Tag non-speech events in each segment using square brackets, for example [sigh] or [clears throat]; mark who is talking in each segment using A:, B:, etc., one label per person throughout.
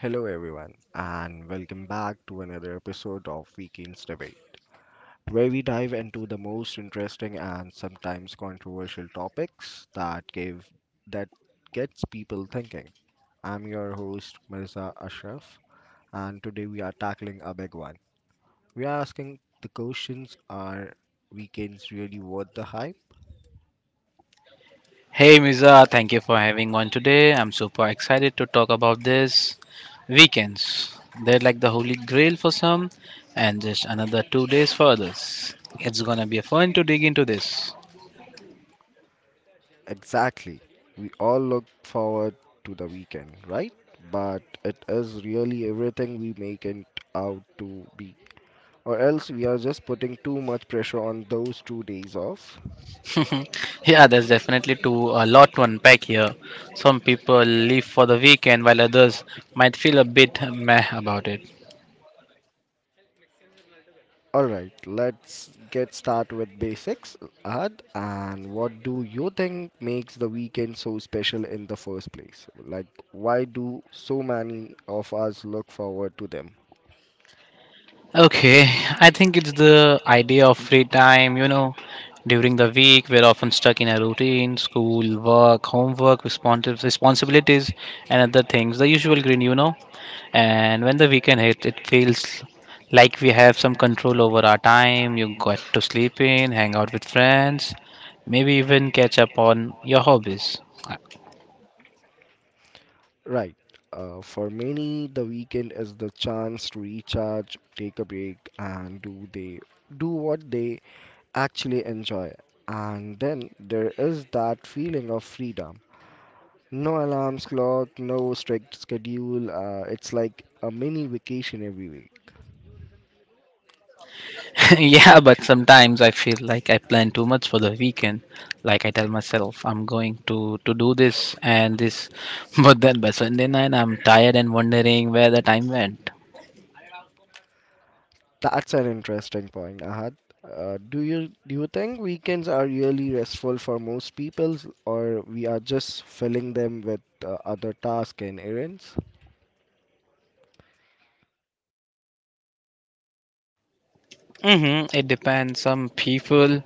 A: Hello, everyone, and welcome back to another episode of Weekend's Debate, where we dive into the most interesting and sometimes controversial topics that give that gets people thinking. I'm your host Mirza Ashraf, and today we are tackling a big one. We are asking the questions: Are weekends really worth the hype?
B: Hey Miza, thank you for having one today. I'm super excited to talk about this. Weekends. They're like the holy grail for some and just another 2 days for others. It's gonna be fun to dig into this.
A: Exactly. We all look forward to the weekend, right? But it is really everything we make it out to be. Or else we are just putting too much pressure on those 2 days off.
B: [laughs] yeah, there's definitely too a lot to unpack here. Some people leave for the weekend while others might feel a bit meh about it.
A: Alright, let's get started with basics. And what do you think makes the weekend so special in the first place? Like, why do so many of us look forward to them?
B: Okay, I think it's the idea of free time, during the week we're often stuck in a routine, school, work, homework, responsibilities and other things, the usual green. And when the weekend hits, it feels like we have some control over our time. You got to sleep in, hang out with friends, maybe even catch up on your hobbies.
A: Right. For many, the weekend is the chance to recharge, take a break, and do what they actually enjoy. And then there is that feeling of freedom. No alarms clock, no strict schedule. It's like a mini vacation every week.
B: Yeah, but sometimes I feel like I plan too much for the weekend. Like I tell myself I'm going to do this and this, [laughs] but then by Sunday night I'm tired and wondering where the time went.
A: That's an interesting point, Ahad. Do you think weekends are really restful for most people, or we are just filling them with other tasks and errands?
B: Hmm It depends. Some people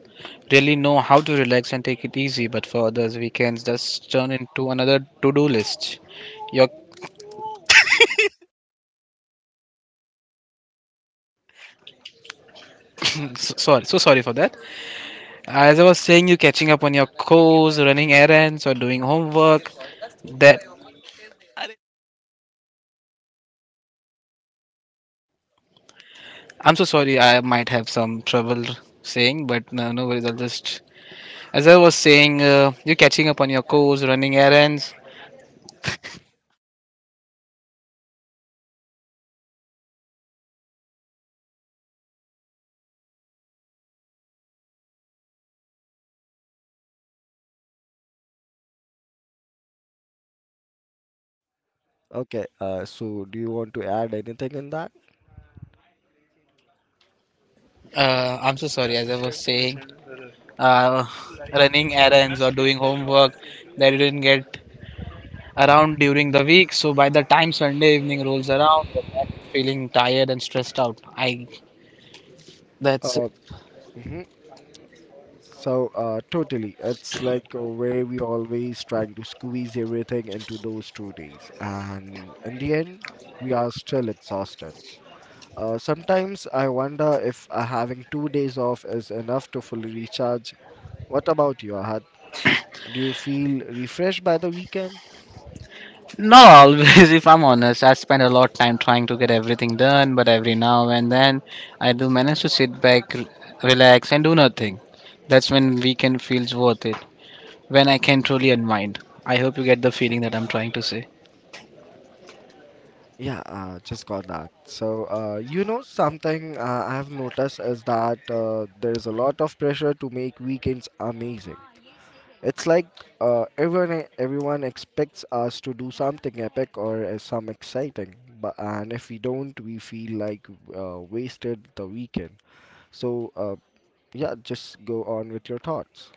B: really know how to relax and take it easy, but for others, weekends just turn into another to-do list. You're [clears throat] so sorry for that. As I was saying, you catching up on your chores, running errands, or doing homework. That I'm so sorry. I might have some trouble saying, but no, no worries. I'll just, as I was saying, you're catching up on your course, running errands.
A: Okay, so do you want to add anything in that?
B: I'm so sorry. As I was saying, uh, running errands or doing homework that you didn't get around during the week. So by the time Sunday evening rolls around, you're back feeling tired and stressed out. I that's
A: Uh, mhm. So totally. It's like where we always trying to squeeze everything into those 2 days, and in the end, we are still exhausted. Sometimes I wonder if having 2 days off is enough to fully recharge. What about you, Ahad? Do you feel refreshed by the weekend?
B: Not always, [laughs] if I'm honest. I spend a lot of time trying to get everything done, but every now and then I do manage to sit back, relax, and do nothing. That's when weekend feels worth it, when I can truly unwind. I hope you get the feeling that I'm trying to say.
A: Yeah, just got that. So something I've noticed is that there's a lot of pressure to make weekends amazing. It's like everyone expects us to do something epic or some exciting, but and if we don't, we feel like wasted the weekend. So, uh, yeah, just go on with your thoughts.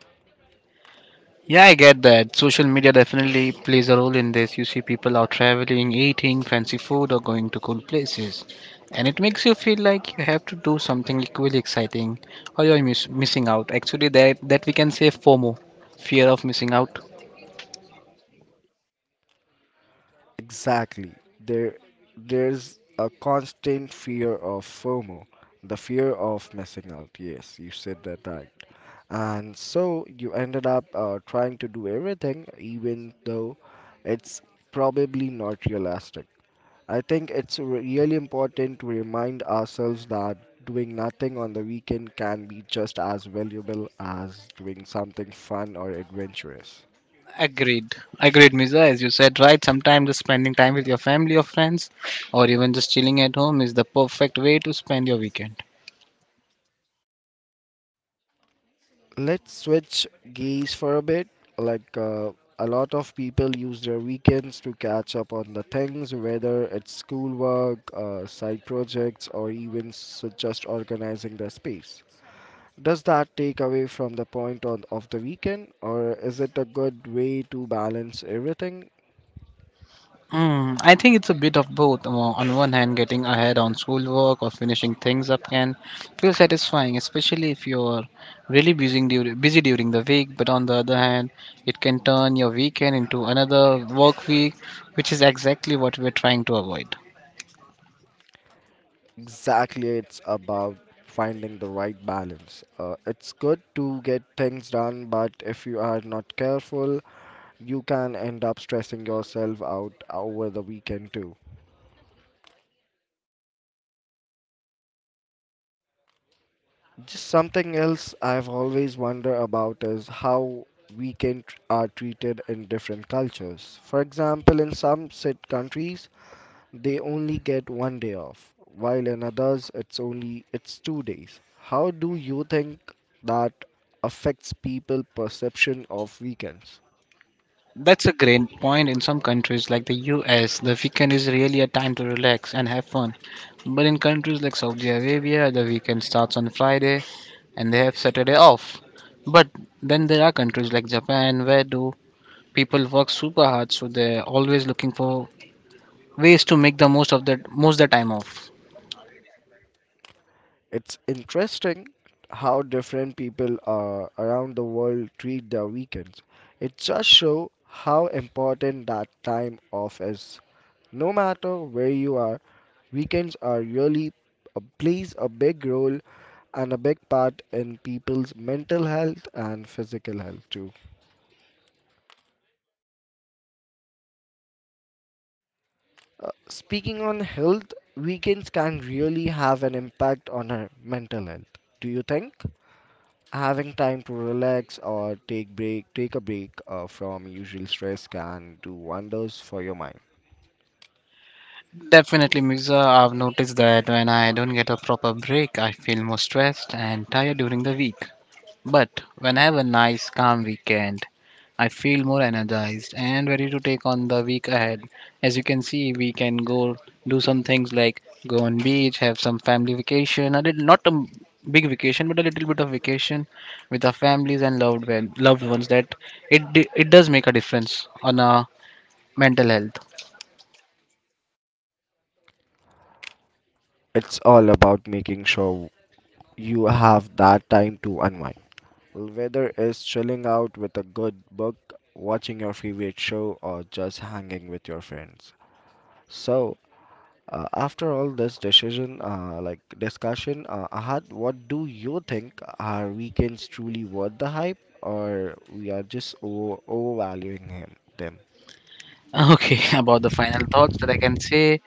B: Yeah, I get that. Social media definitely plays a role in this. You see people are traveling, eating fancy food, or going to cool places. And it makes you feel like you have to do something equally exciting or missing out. Actually, that we can say FOMO, fear of missing out.
A: Exactly. There, there's a constant fear of FOMO, the fear of missing out. Yes, you said that right. And so you ended up trying to do everything, even though it's probably not realistic. I think it's really important to remind ourselves that doing nothing on the weekend can be just as valuable as doing something fun or adventurous.
B: Agreed. Agreed, Miza. As you said, right, sometimes just spending time with your family or friends or even just chilling at home is the perfect way to spend your weekend.
A: Let's switch gears for a bit. Like, uh, a lot of people use their weekends to catch up on the things, whether it's schoolwork, side projects, or even s just organizing their space. Does that take away from the point of the weekend, or is it a good way to balance everything?
B: Mm, I think it's a bit of both. On one hand, getting ahead on schoolwork or finishing things up can feel satisfying, especially if you're really busy during the week. But on the other hand, it can turn your weekend into another work week, which is exactly what we're trying to avoid.
A: Exactly, it's about finding the right balance. It's good to get things done, but if you are not careful, you can end up stressing yourself out over the weekend too. Just something else I've always wondered about is how weekends are treated in different cultures. For example, in some sit countries, they only get 1 day off, while in others it's 2 days. How do you think that affects people perception of weekends?
B: That's a great point. In some countries like the US, the weekend is really a time to relax and have fun. But in countries like Saudi Arabia, the weekend starts on Friday and they have Saturday off. But then there are countries like Japan where do people work super hard so they're always looking for ways to make the most of the time off.
A: It's interesting how different people around the world treat their weekends. It just shows how important that time off is. No matter where you are, weekends are really plays a big role and a big part in people's mental health and physical health too. Speaking on health, weekends can really have an impact on our mental health. Do you think having time to relax or take a break from usual stress can do wonders for your mind?
B: Definitely Mirza, I've noticed that when I don't get a proper break, I feel more stressed and tired during the week. But when I have a nice calm weekend, I feel more energized and ready to take on the week ahead. As you can see, we can go do some things like go on beach, have some family vacation, a little, not a big vacation, but a little bit of vacation with our families and loved ones. That it does make a difference on our mental health.
A: It's all about making sure you have that time to unwind. Well, whether it's chilling out with a good book, watching your favorite show, or just hanging with your friends. so after all this decision like discussion, Ahad, what do you think? Are weekends truly worth the hype, or we are just overvaluing him them
B: Okay, [laughs] about the final thoughts that I can say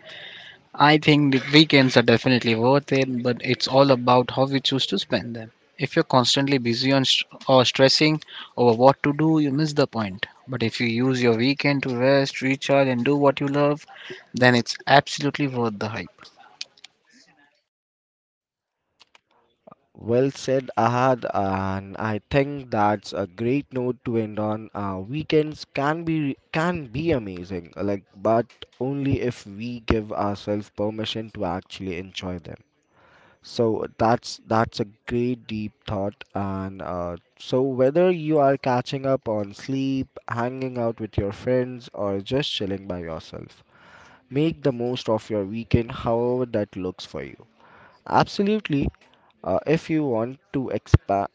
B: I think the weekends are definitely worth it, but it's all about how we choose to spend them. If you're constantly busy on or stressing over what to do, you miss the point. But if you use your weekend to rest, recharge, and do what you love, then it's absolutely worth the hype.
A: Well said, Ahad, and I think that's a great note to end on. Weekends can be amazing, like, but only if we give ourselves permission to actually enjoy them. So that's a great deep thought, and so whether you are catching up on sleep, hanging out with your friends, or just chilling by yourself, make the most of your weekend, however that looks for you. Absolutely. If you want to expand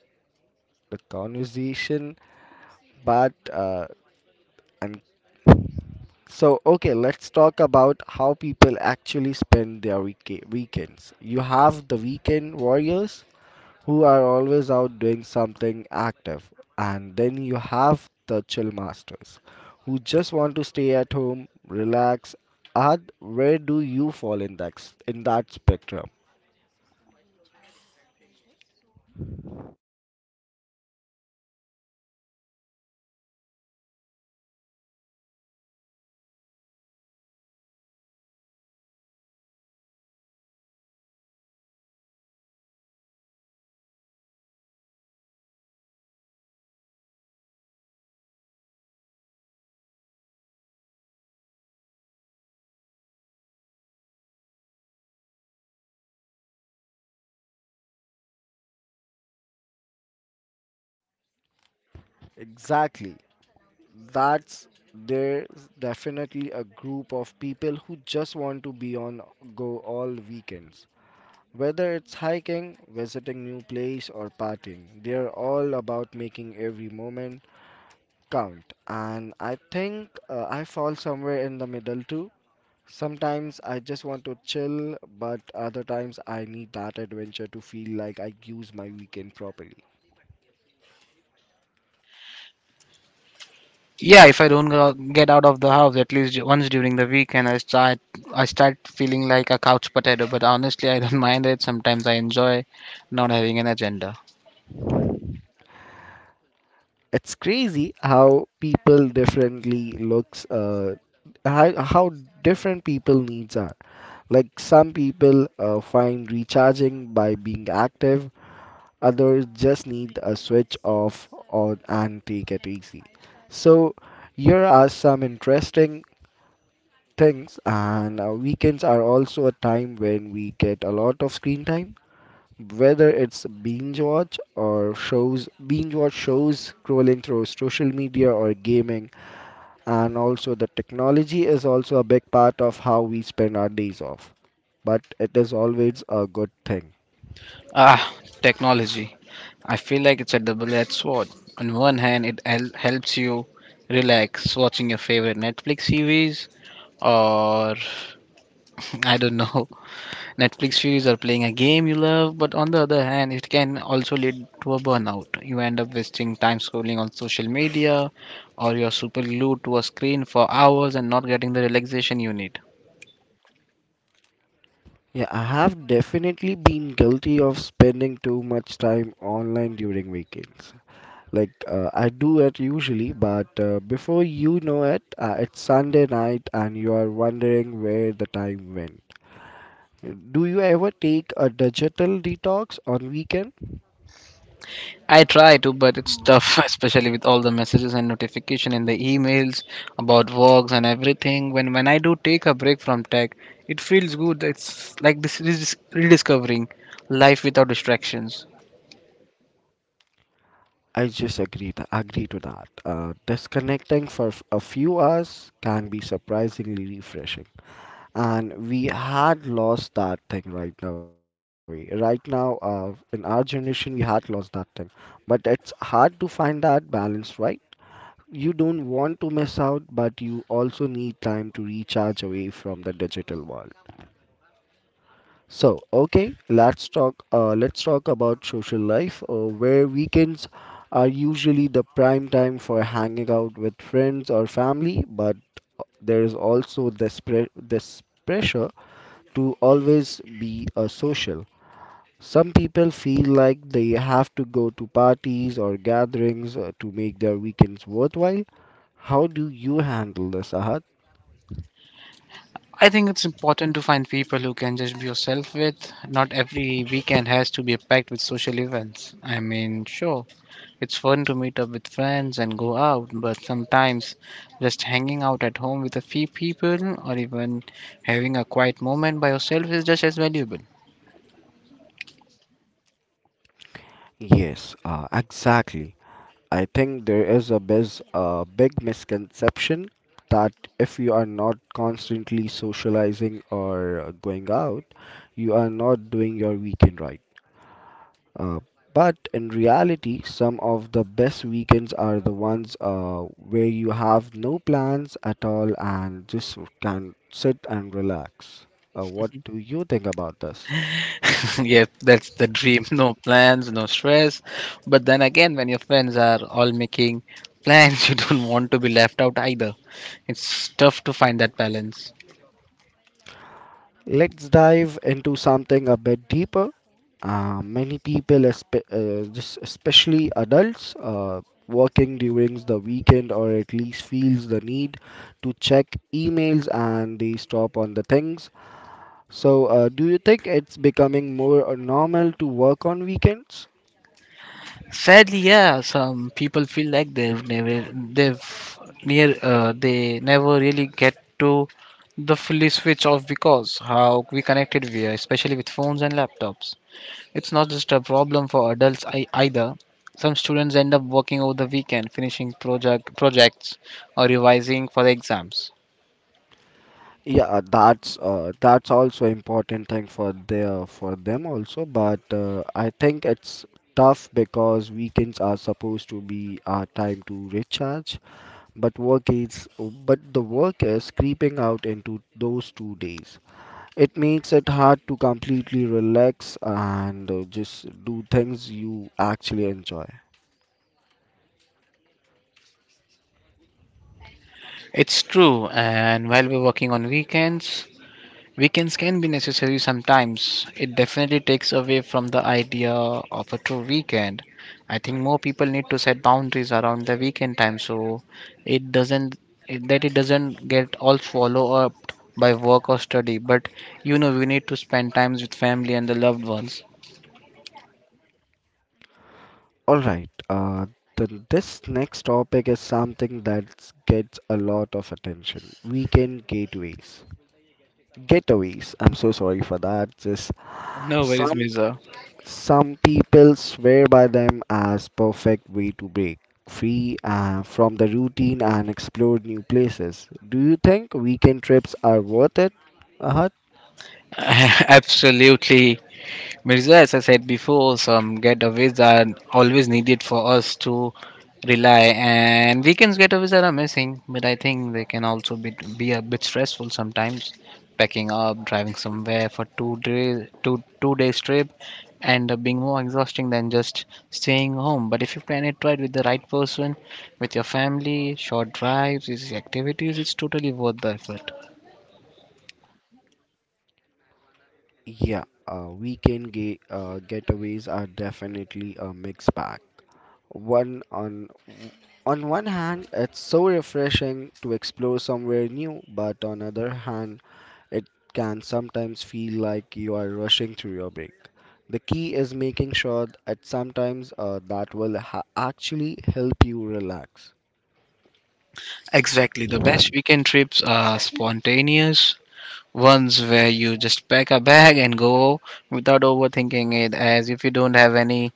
A: the conversation, but and so okay, let's talk about how people actually spend their weekends. You have the weekend warriors who are always out doing something active, and then you have the chill masters who just want to stay at home, relax. Ad, where do you fall in in that spectrum? Exactly. that's there's definitely a group of people who just want to be on go all weekends. Whether it's hiking, visiting new place, or partying, they're all about making every moment count. And I think I fall somewhere in the middle too. Sometimes I just want to chill, but other times I need that adventure to feel like I use my weekend properly.
B: Yeah, if I don't go, get out of the house at least once during the weekend, I start feeling like a couch potato. But honestly, I don't [laughs] mind it. Sometimes I enjoy not having an agenda.
A: It's crazy how people differently looks how different people needs are. Like some people find recharging by being active, others just need a switch off or and take it easy. So here are some interesting things, and weekends are also a time when we get a lot of screen time, whether it's binge watch shows, scrolling through social media, or gaming. And also the technology is also a big part of how we spend our days off. But it is always a good thing?
B: Ah, technology. I feel like it's a double-edged sword. On one hand, helps you relax watching your favorite Netflix series or [laughs] I don't know, [laughs] Netflix series or playing a game you love, but on the other hand, it can also lead to a burnout. You end up wasting time scrolling on social media or you're super glued to a screen for hours and not getting the relaxation you need.
A: Yeah, I have definitely been guilty of spending too much time online during weekends. Like I do it usually, but before you know it's Sunday night and you are wondering where the time went. Do you ever take a digital detox on weekend?
B: I try to, but it's tough, [laughs] especially with all the messages and notification and the emails about works and everything. When I do take a break from tech, it feels good. It's like this is rediscovering life without distractions.
A: I just agree to that. Disconnecting for a few hours can be surprisingly refreshing, and we had lost that thing right now. Right now, in our generation, we had lost that thing, but it's hard to find that balance, right? You don't want to miss out, but you also need time to recharge away from the digital world. Let's talk about social life, where weekends are usually the prime time for hanging out with friends or family. But there is also this pressure to always be a social. Some people feel like they have to go to parties or gatherings to make their weekends worthwhile. How do you handle this, Ahad?
B: I think it's important to find people who can just be yourself with. Not every weekend has to be packed with social events. I mean, sure, it's fun to meet up with friends and go out, but sometimes just hanging out at home with a few people or even having a quiet moment by yourself is just as valuable.
A: Yes, exactly. I think there is a big misconception that if you are not constantly socializing or going out, you are not doing your weekend right. Uh, but in reality, some of the best weekends are the ones where you have no plans at all and just can sit and relax. What do you think about this?
B: [laughs] Yes, that's the dream. No plans, no stress. But then again, when your friends are all making plans, [laughs] you don't want to be left out either. It's tough to find that balance.
A: Let's dive into something a bit deeper. Many people, espe- just especially adults, working during the weekend or at least feels the need to check emails and they stop on the things. So, do you think it's becoming more normal to work on weekends?
B: Sadly, yeah, some people feel like they never really get to the fully switch off because how we connected we are, especially with phones and laptops. It's not just a problem for adults either. Some students end up working over the weekend, finishing projects or revising for the exams.
A: Yeah, that's also important thing for their for them also, but I think it's tough because weekends are supposed to be our time to recharge, but work is creeping out into those 2 days. It makes it hard to completely relax and just do things you actually enjoy.
B: It's true, and while we're working on weekends, weekends can be necessary sometimes. It definitely takes away from the idea of a true weekend. I think more people need to set boundaries around the weekend time so it doesn't it doesn't get all swallowed up by work or study. But you know we need to spend times with family and the loved ones.
A: All right. This next topic is something that gets a lot of attention. Weekend getaways. I'm so sorry for that. Just
B: No worries,
A: some
B: Miza.
A: some people swear by them as perfect way to break free from the routine and explore new places. Do you think weekend trips are worth it? Uh,
B: [laughs] Absolutely. Mirza, as I said before, some getaways are always needed for us to rely, and weekends getaways are amazing, but I think they can also be a bit stressful sometimes. Packing up, driving somewhere for 2 days, two days trip, end up being more exhausting than just staying home. But if you plan it right with the right person, with your family, short drives, easy activities, it's totally worth the effort.
A: yeah. Weekend getaways are definitely a mixed bag. One on one hand, it's so refreshing to explore somewhere new, but on other hand, it can sometimes feel like you are rushing through your break. The key is making sure that sometimes that will actually help you relax.
B: Exactly. The best weekend trips are spontaneous, ones where you just pack a bag and go without overthinking it, as if you don't have any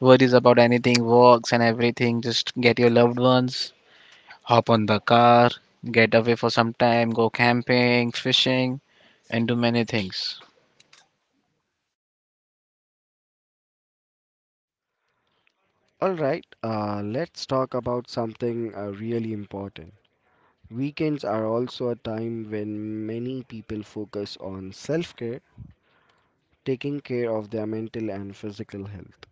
B: worries about anything, works and everything. Just get your loved ones, hop on the car, get away for some time, go camping, fishing, and do many things.
A: Alright, let's talk about something really important. Weekends are also a time when many people focus on self care, taking care of their mental and physical health.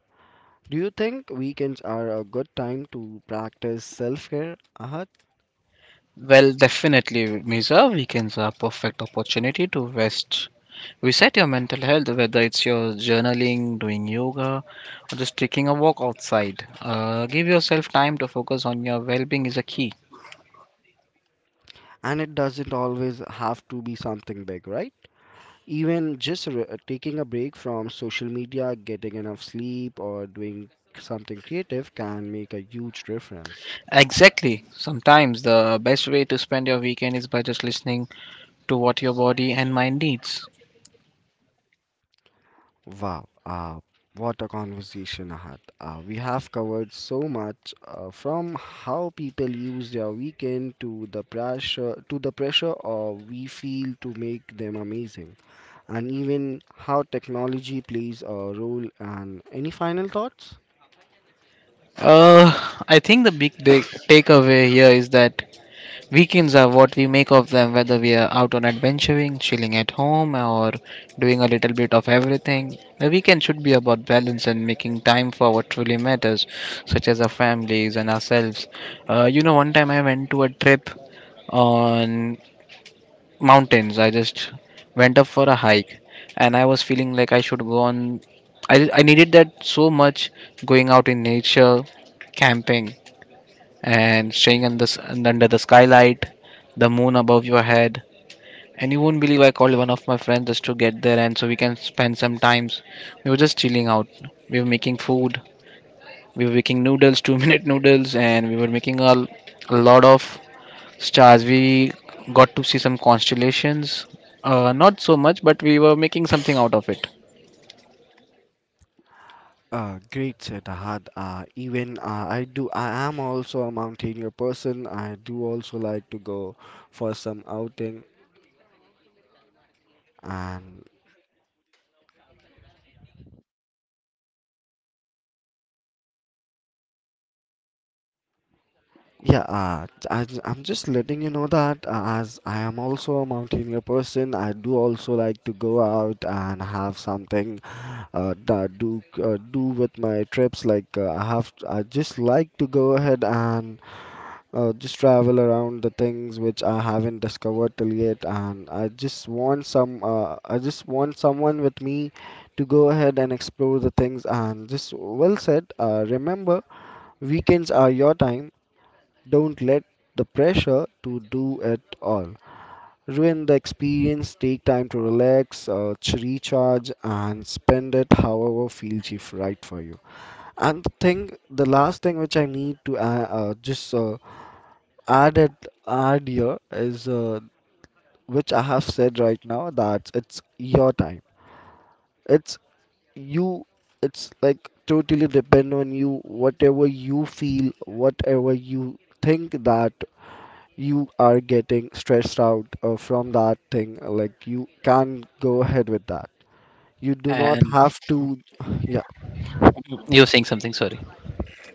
A: Do you think weekends are a good time to practice self care, Ahad?
B: Well, definitely, Misa, weekends are perfect opportunity to rest. Reset your mental health, whether it's your journaling, doing yoga, or just taking a walk outside. Give yourself time to focus on your well being is a key.
A: And it doesn't always have to be something big, right? Even just taking a break from social media, getting enough sleep, or doing something creative can make a huge difference.
B: Exactly. Sometimes the best way to spend your weekend is by just listening to what your body and mind needs.
A: Wow, what a conversation, Ahad. We have covered so much from how people use their weekend to the pressure of we feel to make them amazing, and even how technology plays a role. And any final thoughts?
B: Uh, I think the big takeaway here is that weekends are what we make of them, whether we are out on adventuring, chilling at home, or doing a little bit of everything. The weekend should be about balance and making time for what truly matters, such as our families and ourselves. You know, one time I went to a trip on mountains. I just went up for a hike and I was feeling like I should go on. I needed that so much going out in nature, camping, and staying under, s- and under the skylight, the moon above your head. And you won't believe I called one of my friends just to get there and so we can spend some times. We were just chilling out. We were making food. We were making noodles, [laughs] 2 minute noodles, and we were making a lot of stars. We got to see some constellations. Not so much, but we were making something out of it.
A: Great said Ahad. Even I I am also a mountaineer person. I do also like to go for some outing, and yeah, I am just letting you know that as I am also a mountaineer person, I do also like to go out and have something that do do with my trips. Like I just like to go ahead and just travel around the things which I haven't discovered till yet, and I just want some. I just want someone with me to go ahead and explore the things. And just well said. Remember, weekends are your time. Don't let the pressure to do it all ruin the experience. Take time to relax, recharge, and spend it however feels right for you. And the thing, the last thing which I need to just add here is which I have said right now that it's your time. It's you. It's like totally depend on you. Whatever you feel, whatever you think that you are getting stressed out from that thing, like you can go ahead with that. You do not
B: And
A: have to. [sighs] Yeah,
B: you're saying something, sorry.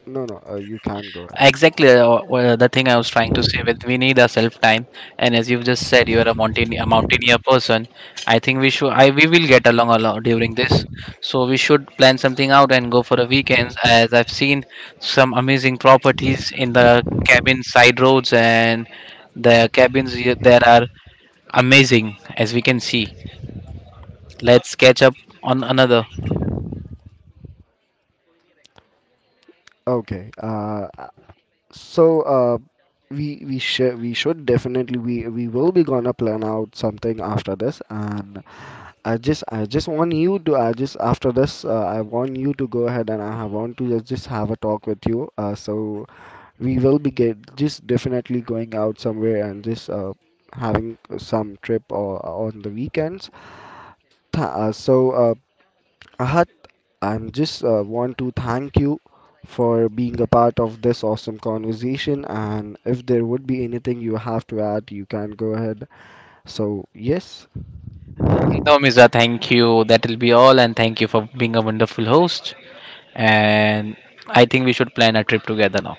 A: no, no. You can go ahead.
B: Exactly the thing I was trying to say with we need a self time. And as you've just said, you're a mountain a mountaineer person. I think we should I we will get along a lot during this. So we should plan something out and go for a weekend. As I've seen some amazing properties in the cabin side roads and the cabins there are amazing as we can see. Let's catch up on another.
A: Okay. So we should definitely we will be gonna plan out something after this. And I just want you to, I just after this I want you to go ahead, and I want to just have a talk with you, so we will be get just definitely going out somewhere and just having some trip or on the weekends. Th- uh, so uh, I I'm just want to thank you for being a part of this awesome conversation. And if there would be anything you have to add, you can go ahead. So, yes.
B: No, Miza, thank you. That'll be all, and thank you for being a wonderful host. And I think we should plan a trip together now.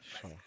A: Sure.